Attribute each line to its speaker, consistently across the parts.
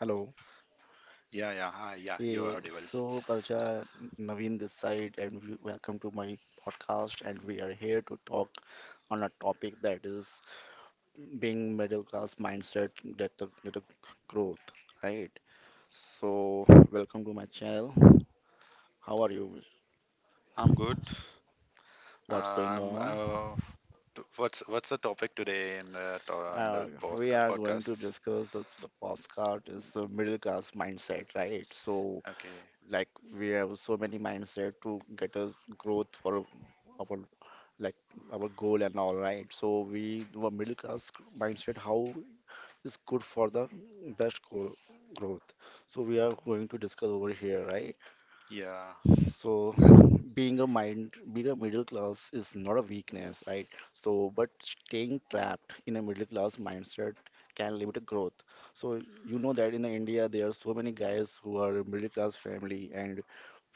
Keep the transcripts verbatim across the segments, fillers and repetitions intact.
Speaker 1: Hello.
Speaker 2: Yeah, yeah, hi, yeah, you're
Speaker 1: Yeah,
Speaker 2: audible.
Speaker 1: so Palcha, Naveen this side, and we- welcome to my podcast. And we are here to talk on a topic that is being middle class mindset that the, that the growth, right? So welcome to my channel. How are you?
Speaker 2: I'm good. Uh,
Speaker 1: What's going
Speaker 2: I'm,
Speaker 1: on?
Speaker 2: uh, t- what's what's the topic today in the to- in
Speaker 1: Uh,
Speaker 2: the
Speaker 1: we
Speaker 2: podca-
Speaker 1: are going to
Speaker 2: podcasts?
Speaker 1: discuss the, the postcard is the middle class mindset, right? So
Speaker 2: Okay,
Speaker 1: like we have so many mindset to get us growth for our like our goal and all, right? So we our middle class mindset, how is good for the best goal growth. So we are going to discuss over here, right?
Speaker 2: yeah,
Speaker 1: So
Speaker 2: that's,
Speaker 1: being a mind, being a middle class is not a weakness, right? So but staying trapped in a middle class mindset can limit a growth. So you know that in India there are so many guys who are middle class family and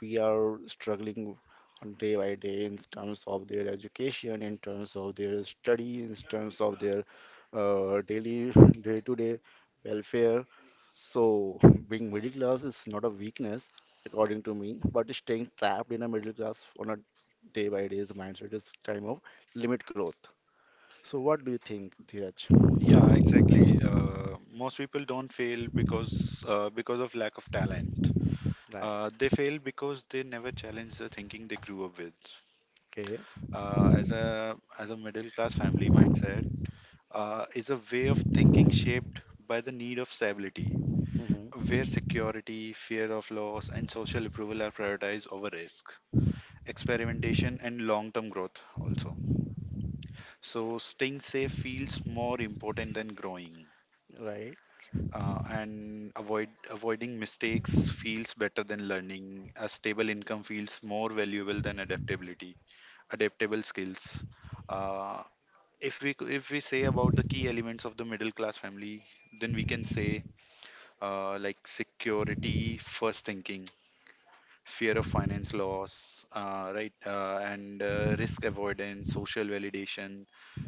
Speaker 1: we are struggling on day by day in terms of their education, in terms of their study, in terms of their uh, daily day-to-day welfare. So being middle class is not a weakness, according to me, but staying trapped in a middle class on a day by day mindset is time of limit growth. So what do you think, Dheeraj?
Speaker 2: yeah, exactly. Uh, most people don't fail because uh, because of lack of talent.
Speaker 1: Right.
Speaker 2: Uh, they fail because they never challenge the thinking they grew up with.
Speaker 1: Okay.
Speaker 2: Uh, as a as a middle class family mindset, uh, is a way of thinking shaped by the need of stability
Speaker 1: Hmm.
Speaker 2: where security, fear of loss, and social approval are prioritized over risk, experimentation, and long term growth also. So, staying safe feels more important than growing.
Speaker 1: Right.
Speaker 2: Uh, and avoid avoiding mistakes feels better than learning. A stable income feels more valuable than adaptability, adaptable skills. Uh, if we c- if we say about the key elements of the middle class family, then we can say, uh, like, security first thinking, fear of finance loss, uh, right, uh, and uh, risk avoidance, social validation,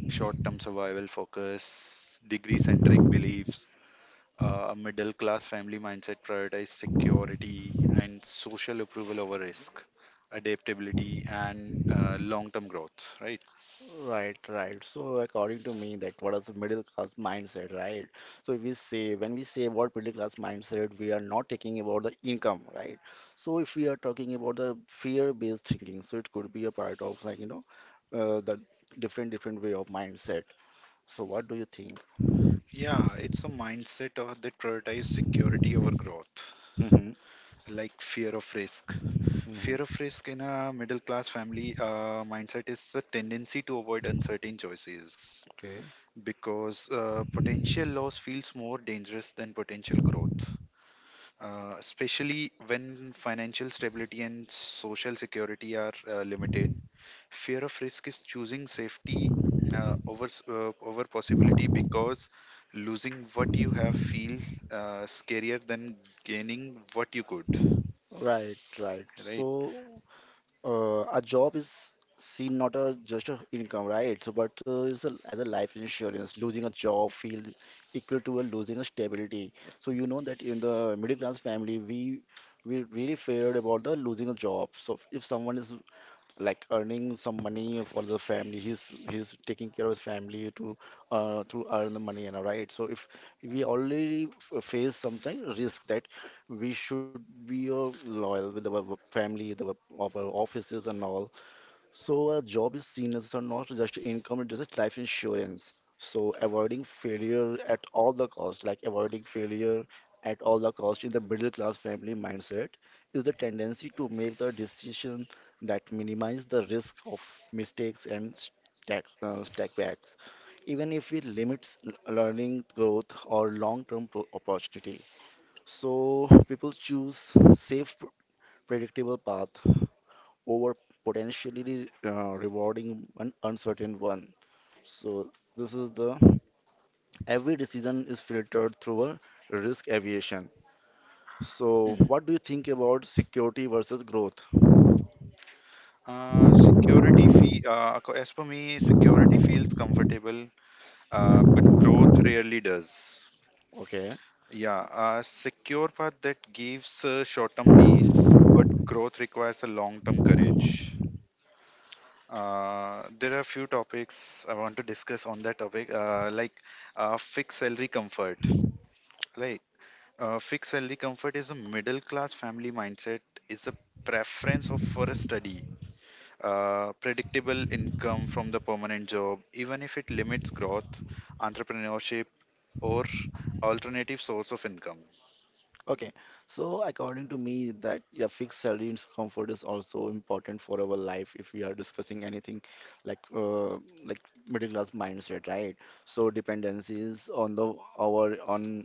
Speaker 2: short term survival focus, degree centric beliefs. Uh, a middle class family mindset prioritizes security and social approval over risk, adaptability, and uh, long term growth, right?
Speaker 1: Right, right. So according to me, that what is the middle class mindset, right? So if we say when we say about middle class mindset, we are not talking about the income, right? So if we are talking about the fear-based thinking, so it could be a part of like you know, uh, the different different way of mindset. So what do you think?
Speaker 2: Yeah, it's a mindset of, that prioritizes security over growth,
Speaker 1: Mm-hmm.
Speaker 2: like fear of risk. Fear
Speaker 1: Mm-hmm.
Speaker 2: of risk in a middle class family uh, mindset is the tendency to avoid uncertain choices
Speaker 1: Okay.
Speaker 2: because uh, potential loss feels more dangerous than potential growth, uh, especially when financial stability and social security are uh, limited. Fear of risk is choosing safety uh, over s- uh, over possibility, because losing what you have feel uh, scarier than gaining what you could.
Speaker 1: Right, right. So
Speaker 2: Right.
Speaker 1: Uh, a job is seen not a just a income, right? So, but uh, it's a, as a life insurance, losing a job feel equal to a losing a stability. So you know that in the middle class family, we we really feared about the losing a job. So if someone is like earning some money for the family. He's he's taking care of his family to uh, to earn the money, you know, right? So if we already f- face something risk that we should be uh, loyal with our family, the of our offices and all. So a job is seen as a- not just income, it is a life insurance. So avoiding failure at all the cost, like avoiding failure at all the cost in the middle class family mindset is the tendency to make the decision that minimize the risk of mistakes and stack, uh, stack backs, even if it limits l- learning growth or long-term pro- opportunity. So people choose safe, predictable path over potentially uh, rewarding an uncertain one. So this is the every decision is filtered through a risk aviation. So
Speaker 2: Hmm.
Speaker 1: what do you think about security versus growth?
Speaker 2: Uh, security fee, uh, ac- as for me, security feels comfortable, uh, but growth rarely does.
Speaker 1: Okay.
Speaker 2: Yeah, a secure path that gives uh, short-term peace, growth requires a long-term courage. Uh, there are a few topics I want to discuss on that topic, uh, like, uh, fixed salary comfort, right? Uh, fixed salary comfort is a middle-class family mindset, is a preference of for a study, uh, predictable income from the permanent job, even if it limits growth, entrepreneurship, or alternative source of income.
Speaker 1: Okay. So according to me that yeah, fixed salary and comfort is also important for our life if we are discussing anything like uh, like middle class mindset, right? So dependencies on the our on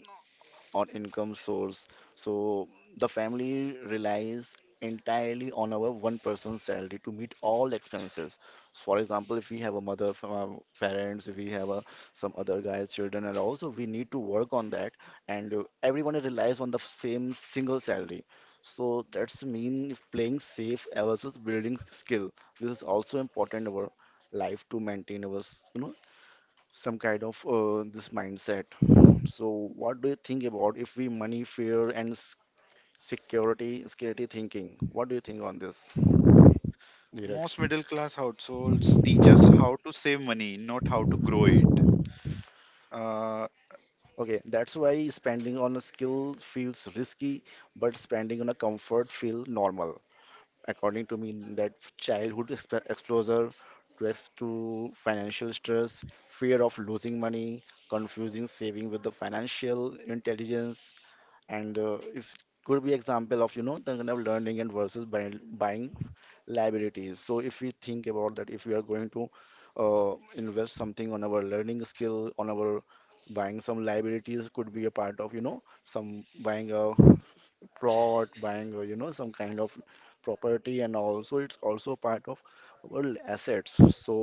Speaker 1: on income source. So the family relies entirely on our one person's salary to meet all expenses. So, for example, if we have a mother, from uh, parents, if we have a, some other guys, children, and also we need to work on that. And uh, everyone relies on the same single salary. So that's mean if playing safe versus building skill. This is also important in our life to maintain our, s- you know, some kind of uh, this mindset. So, what do you think about if we money, fear, and s- security, security thinking? What do you think on this, Dheeraj?
Speaker 2: Most middle class households teach us how to save money, not how to grow it. Uh,
Speaker 1: Okay, that's why spending on a skill feels risky, but spending on a comfort feel normal. According to me, that childhood exp exposure to, ex to financial stress, fear of losing money, confusing saving with the financial intelligence, and uh, if could be example of you know the kind of learning and versus buying, buying liabilities. So if we think about that, if we are going to uh, invest something on our learning skill, on our buying some liabilities could be a part of you know some buying a plot, buying a, you know, some kind of property, and also it's also part of our assets. So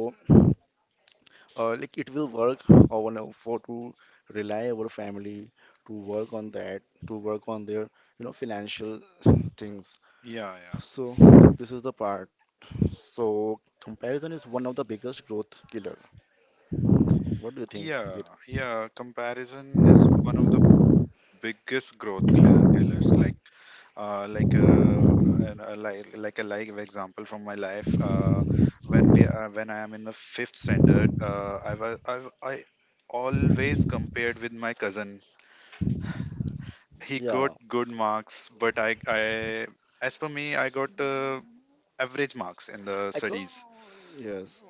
Speaker 1: uh, like it will work or want to for to rely our family to work on that, to work on their, you know, financial things.
Speaker 2: yeah, yeah.
Speaker 1: So this is the part. So comparison is one of the biggest growth killer. What do you think,
Speaker 2: Yeah,
Speaker 1: Dheeraj?
Speaker 2: yeah. Comparison is one of the biggest growth killer- killers. Like uh, like uh, and uh, like like a live example from my life, uh, when we uh, when I am in the fifth standard, uh, I was I, I always compared with my cousin. He got
Speaker 1: Yeah,
Speaker 2: good marks, but I I as per me, I got uh, average marks in the
Speaker 1: I go,
Speaker 2: studies.
Speaker 1: yes.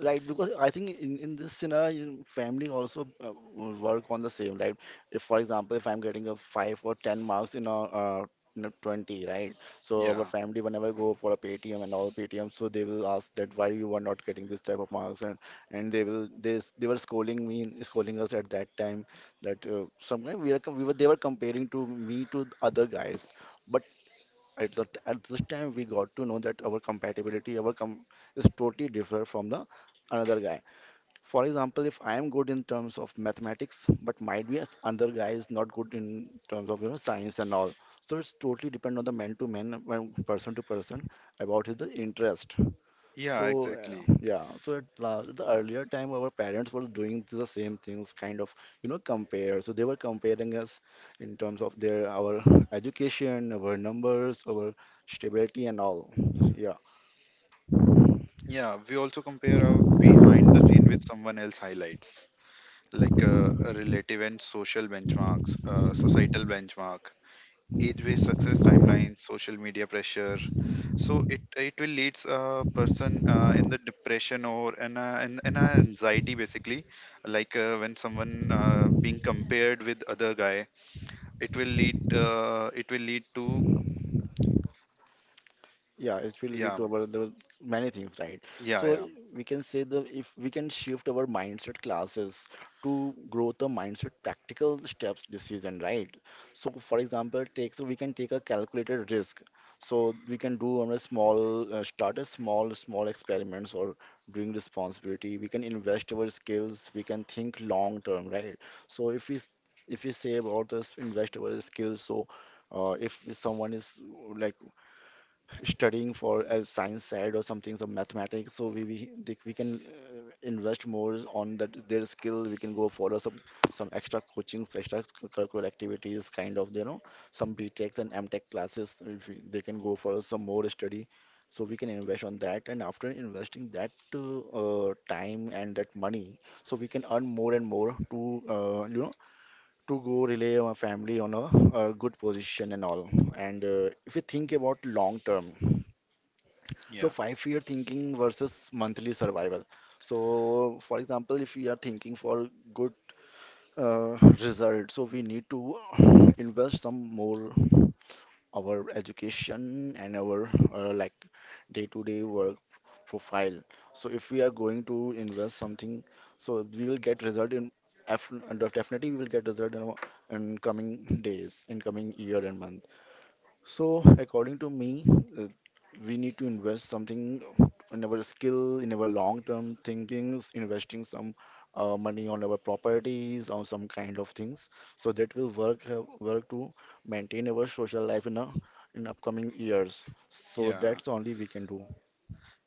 Speaker 1: Right. Because I think in, in this scenario, family also uh, will work on the same, right? If, for example, if I'm getting a five or ten marks in a, uh, in a twenty, right? So our
Speaker 2: Yeah,
Speaker 1: family, whenever go for a P T M and all P T M, so they will ask that why you are not getting this type of marks, and, and they will they, s- they were scolding me, scolding us at that time that uh, sometimes we are com- we were they were comparing to me to the other guys, at the at this time we got to know that our compatibility our com is totally different from the another guy. For example, if I am good in terms of mathematics, but might be as another guy is not good in terms of you know science and all. So it's totally depend on the man to man when person to person about his the interest. So
Speaker 2: yeah, exactly.
Speaker 1: uh, yeah, so at la- the earlier time, our parents were doing the same things, kind of, you know, compare. So they were comparing us in terms of their our education, our numbers, our stability, and all. Yeah.
Speaker 2: Yeah, we also compare our behind the scene with someone else highlights, like, uh, a relative and social benchmarks, uh, societal benchmark, age-based success timelines, social media pressure. So it it will leads a person, uh, in the depression or an uh, an, an anxiety basically, like, uh, when someone, uh, being compared with other guy, it will lead uh, it will lead to.
Speaker 1: Yeah, it will
Speaker 2: Yeah,
Speaker 1: lead to our the many things, right?
Speaker 2: yeah,
Speaker 1: So
Speaker 2: yeah,
Speaker 1: we can say that if we can shift our mindset classes to grow the mindset practical steps decision, right? So for example, take so we can take a calculated risk. So we can do on a small uh, start a small small experiments or doing responsibility. We can invest our skills. We can think long term, right? So if we s- if we say about this invest our skills, so uh, if someone is like studying for a science side or something, some mathematics. So we we, they, we can uh, invest more on that their skill. We can go follow some some extra coachings, extra curricular activities, kind of you know some B BTECs and M tech classes. If we, they can go follow some more study. So we can invest on that, and after investing that uh, time and that money, so we can earn more and more to uh, you know to go relay our family on a, a good position and all. And uh, if we think about long term. So
Speaker 2: yeah,
Speaker 1: five-year thinking versus monthly survival. So for example, if we are thinking for good uh, result, so we need to invest some more our education and our uh, like day-to-day work profile. So if we are going to invest something, so we will get result in af- and definitely we will get result in, our- in coming days, in coming year and month. So, according to me, uh, we need to invest something in our skill, in our long-term thinkings, investing some uh, money on our properties, on some kind of things. So that will work uh, work to maintain our social life in a, in upcoming years. So
Speaker 2: yeah.
Speaker 1: that's only we can do.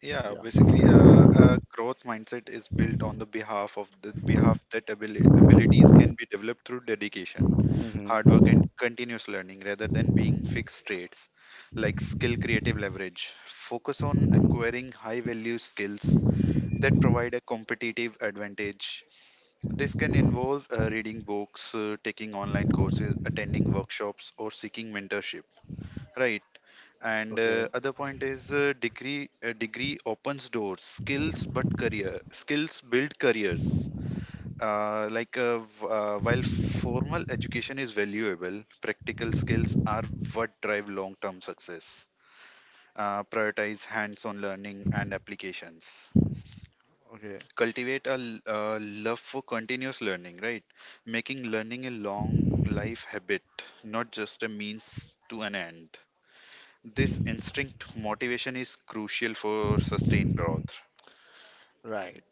Speaker 2: Yeah,
Speaker 1: Yeah.
Speaker 2: basically, uh, a growth mindset is built on the behalf of the behalf that abili abilities can be developed through dedication, hard
Speaker 1: Hmm.
Speaker 2: work, and continuous learning, rather than being fixed traits, like skill creative leverage. Focus on acquiring high value skills that provide a competitive advantage. This can involve, uh, reading books, uh, taking online courses, attending workshops, or seeking mentorship. Right. And
Speaker 1: Okay.
Speaker 2: uh, other point is uh, degree. Uh, degree opens doors. Skills, but career. Skills build careers, uh, like uh, v- uh, while formal education is valuable, practical skills are what drive long-term success. Uh, prioritize hands-on learning and applications.
Speaker 1: Okay.
Speaker 2: Cultivate a l- uh, love for continuous learning, right? Making learning a long life habit, not just a means to an end. This instinct motivation is crucial for sustained growth.
Speaker 1: Right.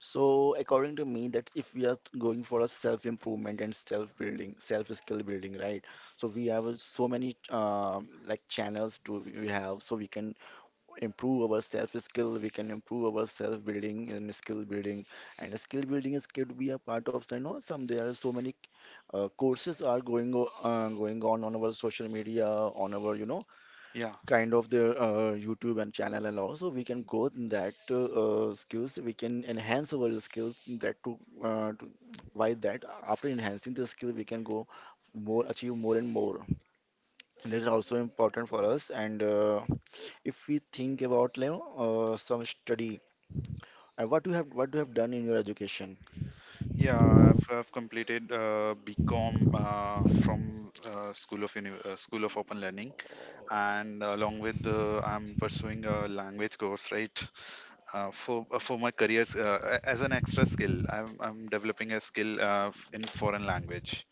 Speaker 1: So, according to me, that's if we are going for a self-improvement and self-building, self-skill building, right? So we have uh, so many um, like channels to we have, so we can improve our self-skill, we can improve our self-building and skill building, and skill building is could be a part of the, you know, some there are so many uh, courses are going o- uh, going on on our social media, on our you know
Speaker 2: Yeah.
Speaker 1: kind of their uh, YouTube and channel, and also we can go in that uh, uh, skills we can enhance our skills in that to, uh, to by that after enhancing the skill we can go more achieve more and more. This is also important for us, and uh, if we think about you know, uh, some study and what you have what you have done in your education.
Speaker 2: Yeah, I've, I've completed uh, BCom uh, from, uh, School of Uni- uh, School of Open Learning, and along with the, I'm pursuing a language course, right? Uh, for uh, for my career, uh, a- as an extra skill, I'm I'm developing a skill, uh, f- in foreign language.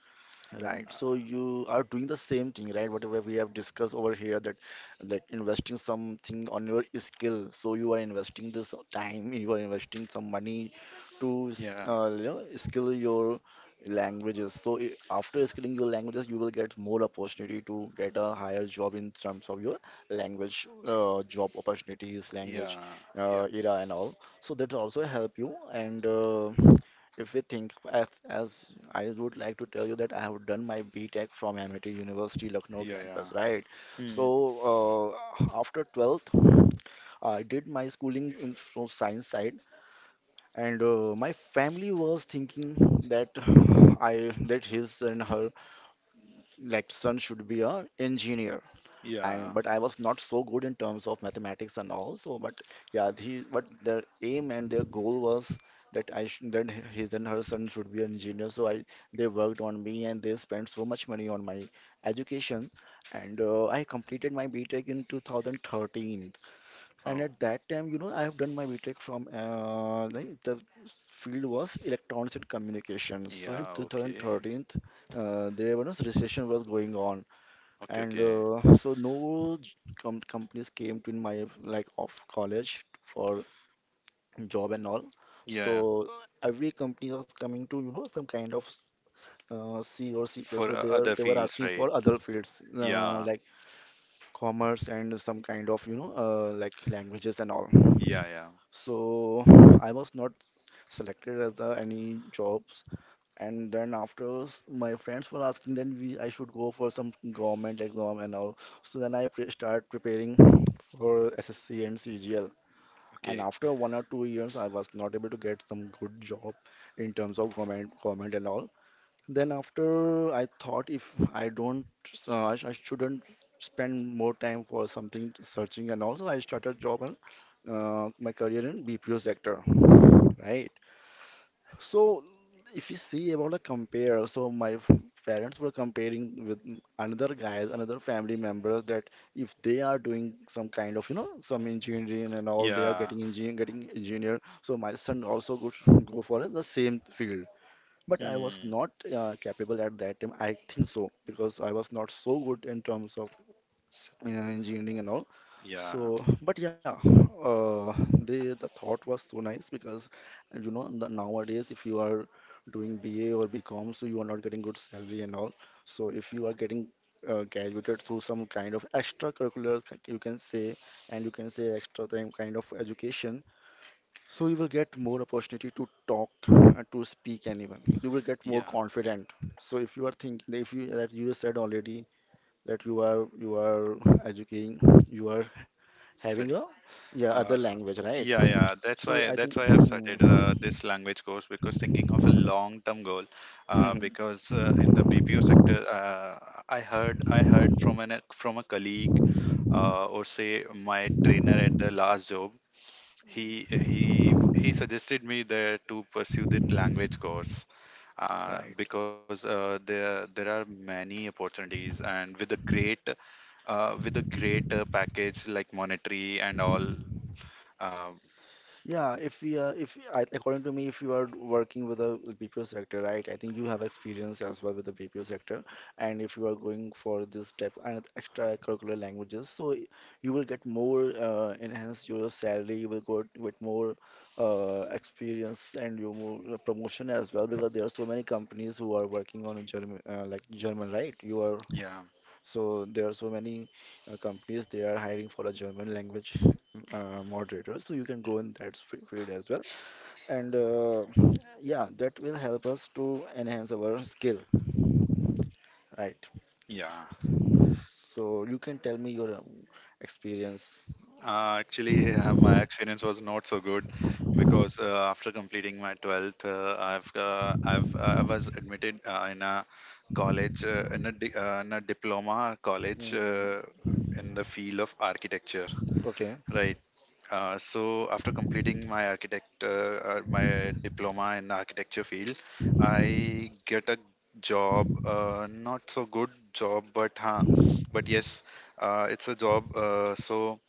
Speaker 1: Right. So you are doing the same thing, right? Whatever we have discussed over here that that investing something on your skill. So you are investing this time, you are investing some money to s-
Speaker 2: Yeah,
Speaker 1: uh, you know, skill your languages. So i- after skilling your languages, you will get more opportunity to get a higher job in terms of your language, uh, job opportunities,
Speaker 2: yeah,
Speaker 1: language,
Speaker 2: yeah,
Speaker 1: uh, era and all. So that also help you and uh, if we think as, as I would like to tell you that I have done my B Tech from M I T University Lucknow
Speaker 2: yeah, yeah.
Speaker 1: campus, right? So
Speaker 2: Hmm.
Speaker 1: uh, after twelfth, I did my schooling in from science side, and uh, my family was thinking that I that his and her like son should be a engineer and
Speaker 2: Yeah.
Speaker 1: but I was not so good in terms of mathematics and all. So, but yeah, he but their aim and their goal was that I should, that his and her son should be an engineer. So I they worked on me and they spent so much money on my education. And uh, I completed my B Tech in two thousand thirteen. And
Speaker 2: Oh,
Speaker 1: at that time, you know, I have done my B Tech from uh, like the field was electronics and communications. So in
Speaker 2: yeah, okay.
Speaker 1: twenty thirteen, uh, there was recession was going on
Speaker 2: Okay,
Speaker 1: and
Speaker 2: okay.
Speaker 1: uh, so no j- com companies came to my like of college for job and all,
Speaker 2: Yeah,
Speaker 1: so every company was coming to, you know, some kind of uh, C or C plus
Speaker 2: for,
Speaker 1: plus.
Speaker 2: uh,
Speaker 1: They were
Speaker 2: other
Speaker 1: they were
Speaker 2: fields,
Speaker 1: asking for
Speaker 2: right?
Speaker 1: other fields, uh,
Speaker 2: Yeah,
Speaker 1: like commerce and some kind of, you know, uh, like languages and all.
Speaker 2: yeah, yeah.
Speaker 1: So I was not selected as uh, any jobs, and then after s- my friends were asking, then we I should go for some government exam and all. So then I pre start preparing for S S C and C G L. And
Speaker 2: Okay.
Speaker 1: after one or two years, I was not able to get some good job in terms of government, government and all. Then after I thought if I don't, uh, I, sh- I shouldn't spend more time for something searching, and also I started job and uh, my career in B P O sector, right? So if you see about a compare, so my f- parents were comparing with m- another guys, another family members, that if they are doing some kind of, you know, some engineering and all, they are
Speaker 2: Yeah.
Speaker 1: getting engineering, getting engineer. So my son also go go for the same field. But I was
Speaker 2: Hmm.
Speaker 1: not uh, capable at that time. I think so because I was not so good in terms of
Speaker 2: S-
Speaker 1: in engineering and all.
Speaker 2: Yeah,
Speaker 1: So, but yeah, uh, they the thought was so nice because uh, you know the, nowadays if you are doing B A or BCom, so you are not getting good salary and all. So if you are getting uh, graduated through some kind of extracurricular, c- you can say, and you can say extra time kind of education, so you will get more opportunity to talk and to speak anyone. You will get more
Speaker 2: yeah,
Speaker 1: confident. So if you are thinking, if you that you said already that you are you are educating, you are having
Speaker 2: study.
Speaker 1: a yeah other
Speaker 2: Uh,
Speaker 1: language, right?
Speaker 2: yeah, yeah. That's
Speaker 1: So
Speaker 2: why
Speaker 1: I
Speaker 2: that's
Speaker 1: think,
Speaker 2: why I've
Speaker 1: hmm,
Speaker 2: started
Speaker 1: hmm,
Speaker 2: uh, this language course, because thinking of a long-term goal. Uh,
Speaker 1: hmm,
Speaker 2: because uh, In the B P O sector, uh, I heard I heard from an from a colleague, uh, or say my trainer at the last job. He he he suggested me there to pursue that language course, uh,
Speaker 1: right.
Speaker 2: because, uh, there there are many opportunities and with a great, uh, with a great uh, package, like monetary and all. Uh,
Speaker 1: Yeah, if we are, if I, according to me, if you are working with the B P O sector, right, I think you have experience as well with the B P O sector. And if you are going for this type and extracurricular languages, so y- you will get more, uh, enhance your salary, you will go with more uh, experience and your more uh, promotion as well, because there are so many companies who are working on German, uh, like German, right? You are,
Speaker 2: yeah,
Speaker 1: so there are so many uh, companies they are hiring for a German language uh, moderator. So you can go in that f- field as well. And uh, yeah, that will help us to enhance our skill, right?
Speaker 2: yeah.
Speaker 1: So you can tell me your um, experience.
Speaker 2: Uh, actually, uh, my experience was not so good, because uh, after completing my twelfth, uh, I've uh, I've uh, I was admitted, uh, in a college, uh, in a di- uh, in a diploma college,
Speaker 1: Mm,
Speaker 2: uh, in the field of architecture.
Speaker 1: okay,
Speaker 2: Right. Uh, so after completing my architect uh, uh, my diploma in architecture field, I get a job. Uh, not so good job, but huh, but yes, uh, it's a job. Uh, so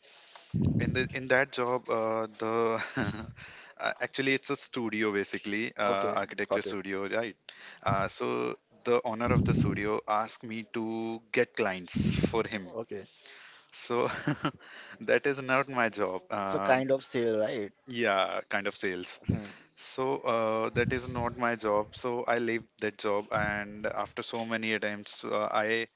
Speaker 2: in the in that job, uh, the uh, actually it's a studio basically, uh,
Speaker 1: okay,
Speaker 2: architecture
Speaker 1: got it.
Speaker 2: studio, right? Uh, so the owner of the studio asked me to get clients for him.
Speaker 1: Okay,
Speaker 2: So that is not my job.
Speaker 1: so
Speaker 2: Uh,
Speaker 1: kind of sale, right?
Speaker 2: yeah, kind of sales.
Speaker 1: Hmm.
Speaker 2: So, uh, that is not my job, so I left that job, and after so many attempts, uh, i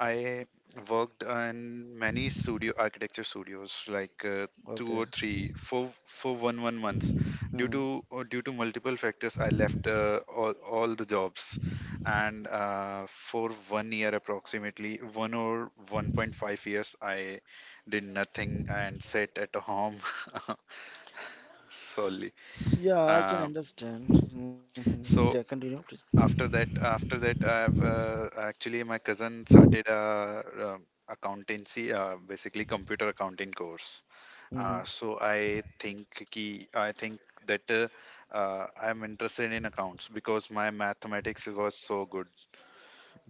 Speaker 2: i worked in many studio architecture studios, like, uh, two
Speaker 1: Okay.
Speaker 2: or three, for for one one months, due
Speaker 1: Hmm.
Speaker 2: to, uh, due to multiple factors, I left, uh, all, all the jobs, and uh, for one year, approximately one or one point five years, I did nothing and sat at home solely.
Speaker 1: Yeah, I can
Speaker 2: um,
Speaker 1: understand. Hmm. Yeah,
Speaker 2: so
Speaker 1: continue, please.
Speaker 2: after that, after that, I've uh, actually my cousin started a, um accountancy, uh, basically computer accounting course. Uh,
Speaker 1: Hmm.
Speaker 2: so I think ki, I think that, uh, uh, I'm interested in accounts, because my mathematics was so good.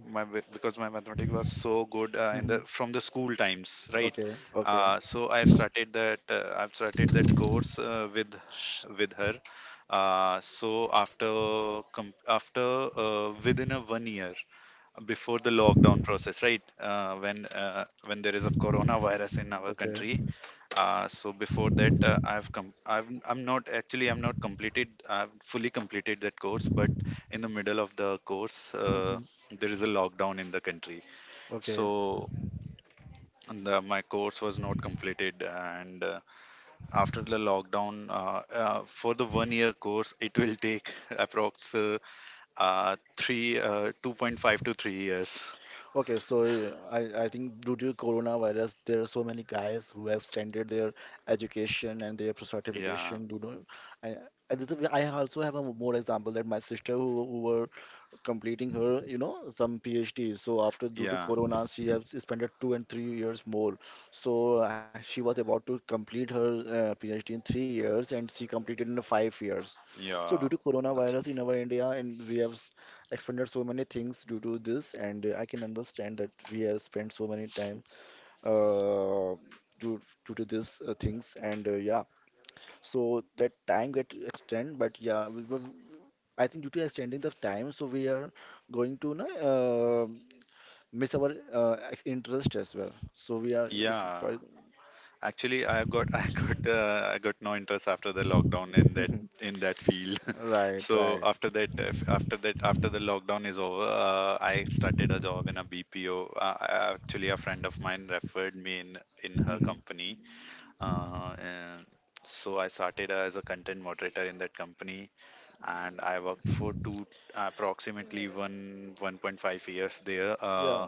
Speaker 2: My b- because my mathematics was so good, uh, in the
Speaker 1: Hmm.
Speaker 2: from the school times, right?
Speaker 1: Okay, okay.
Speaker 2: Uh, so I've started that uh, I've started that course, uh, with
Speaker 1: Shh.
Speaker 2: with her. Uh, so after com- after uh, within a one year, before the lockdown process, right? Uh, when uh, when there is a coronavirus in our
Speaker 1: Okay.
Speaker 2: country, uh, so before that, uh, I've come I've I'm not, actually, I'm not completed, I've fully completed that course, but in the middle of the course,
Speaker 1: Hmm,
Speaker 2: uh,
Speaker 1: hmm.
Speaker 2: there is a lockdown in the country,
Speaker 1: Okay.
Speaker 2: so the, my course was not completed, and uh, after the lockdown, uh, uh, for the one year course, it will take approx, uh, uh, three, uh, two point five to three years.
Speaker 1: Okay. So uh, I, I think due to coronavirus, there are so many guys who have standard their education and their
Speaker 2: Yeah,
Speaker 1: certification. You know, I, I, this is- I also have a more example that my sister who, who were completing her, you know, some PhD. So after due to
Speaker 2: yeah,
Speaker 1: Corona, she has spent two and three years more. So uh, she was about to complete her uh, PhD in three years, and she completed in five years. So due to
Speaker 2: yeah. That's
Speaker 1: coronavirus in our India, and we have s- expended so many things due to this, and uh, I can understand that we have spent so many time uh, due due to this uh, things, and uh, yeah, so that time get extend, but yeah, we, were. I think due to extending the time, so we are going to na, uh, miss our uh, ex- interest as well. So we are, if, Yes.
Speaker 2: Yeah.
Speaker 1: for-
Speaker 2: Actually, I got, I got, uh, I got no interest after the lockdown in that in that field.
Speaker 1: right,
Speaker 2: so
Speaker 1: right.
Speaker 2: after that, uh, f- after that, after the lockdown is over, uh, I started a job in a B P O. Uh, I- actually, a friend of mine referred me in in her company. Uh, and so I started as a content moderator in that company, and I worked for two approximately one, 1.5 years there.
Speaker 1: Yeah.
Speaker 2: Uh,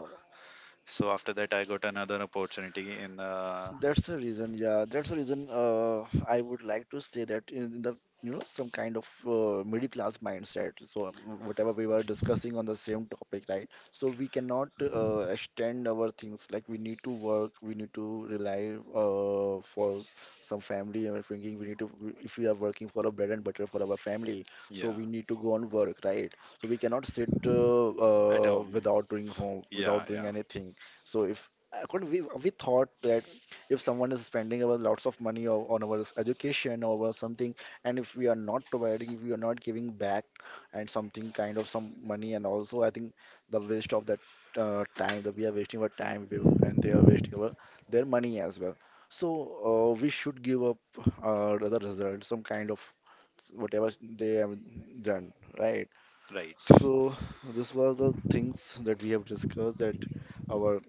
Speaker 2: so after that, I got another opportunity in, uh,
Speaker 1: That's the reason, yeah. That's the reason uh, I would like to say that in the, you know, some kind of uh, middle class mindset. So um, whatever we were discussing on the same topic, right? So we cannot uh, extend our things. Like, we need to work, we need to rely uh, for s- some family and everything. We need to, if we are working for a bread and butter for our family, so
Speaker 2: yeah
Speaker 1: we need to go and work, right? So we cannot sit uh,
Speaker 2: at
Speaker 1: uh,
Speaker 2: home.
Speaker 1: without doing home,
Speaker 2: Yeah,
Speaker 1: without doing
Speaker 2: yeah,
Speaker 1: anything. So if I couldn't- we we thought that if someone is spending our lots of money o- on our s- education or our something, and if we are not providing, if we are not giving back and something kind of some money, and also I think the waste of that uh, time, that we are wasting our time, we- and they are wasting our their money as well. So uh, we should give up uh, the result some kind of s- whatever they have done, right?
Speaker 2: right.
Speaker 1: So this was the things that we have discussed, that our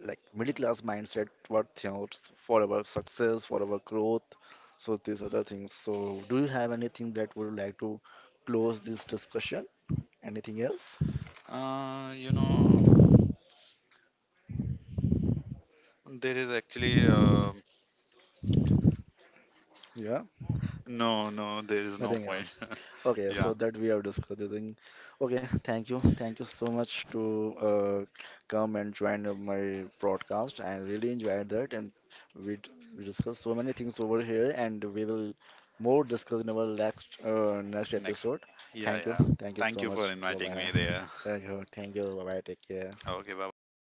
Speaker 1: like middle class mindset, what counts for our success, for our growth, so these other things. So do you have anything that would like to close this discussion? Anything else?
Speaker 2: Uh, you know, there is actually, uh,
Speaker 1: Yeah.
Speaker 2: no, no, there is no
Speaker 1: Nothing
Speaker 2: point.
Speaker 1: else. Okay, so
Speaker 2: Yeah,
Speaker 1: that we have discussed. I think. Okay, thank you, thank you so much to uh, come and join uh, my broadcast. I really enjoyed that, and we d- we discussed so many things over here, and we will more discuss in our next uh, next
Speaker 2: next.
Speaker 1: episode.
Speaker 2: Yeah,
Speaker 1: Thank you,
Speaker 2: yeah.
Speaker 1: thank you
Speaker 2: Thank
Speaker 1: so
Speaker 2: you for
Speaker 1: much. Bye
Speaker 2: inviting
Speaker 1: bye.
Speaker 2: me there.
Speaker 1: Thank you, thank you. Bye bye. Take care.
Speaker 2: Okay, bye bye.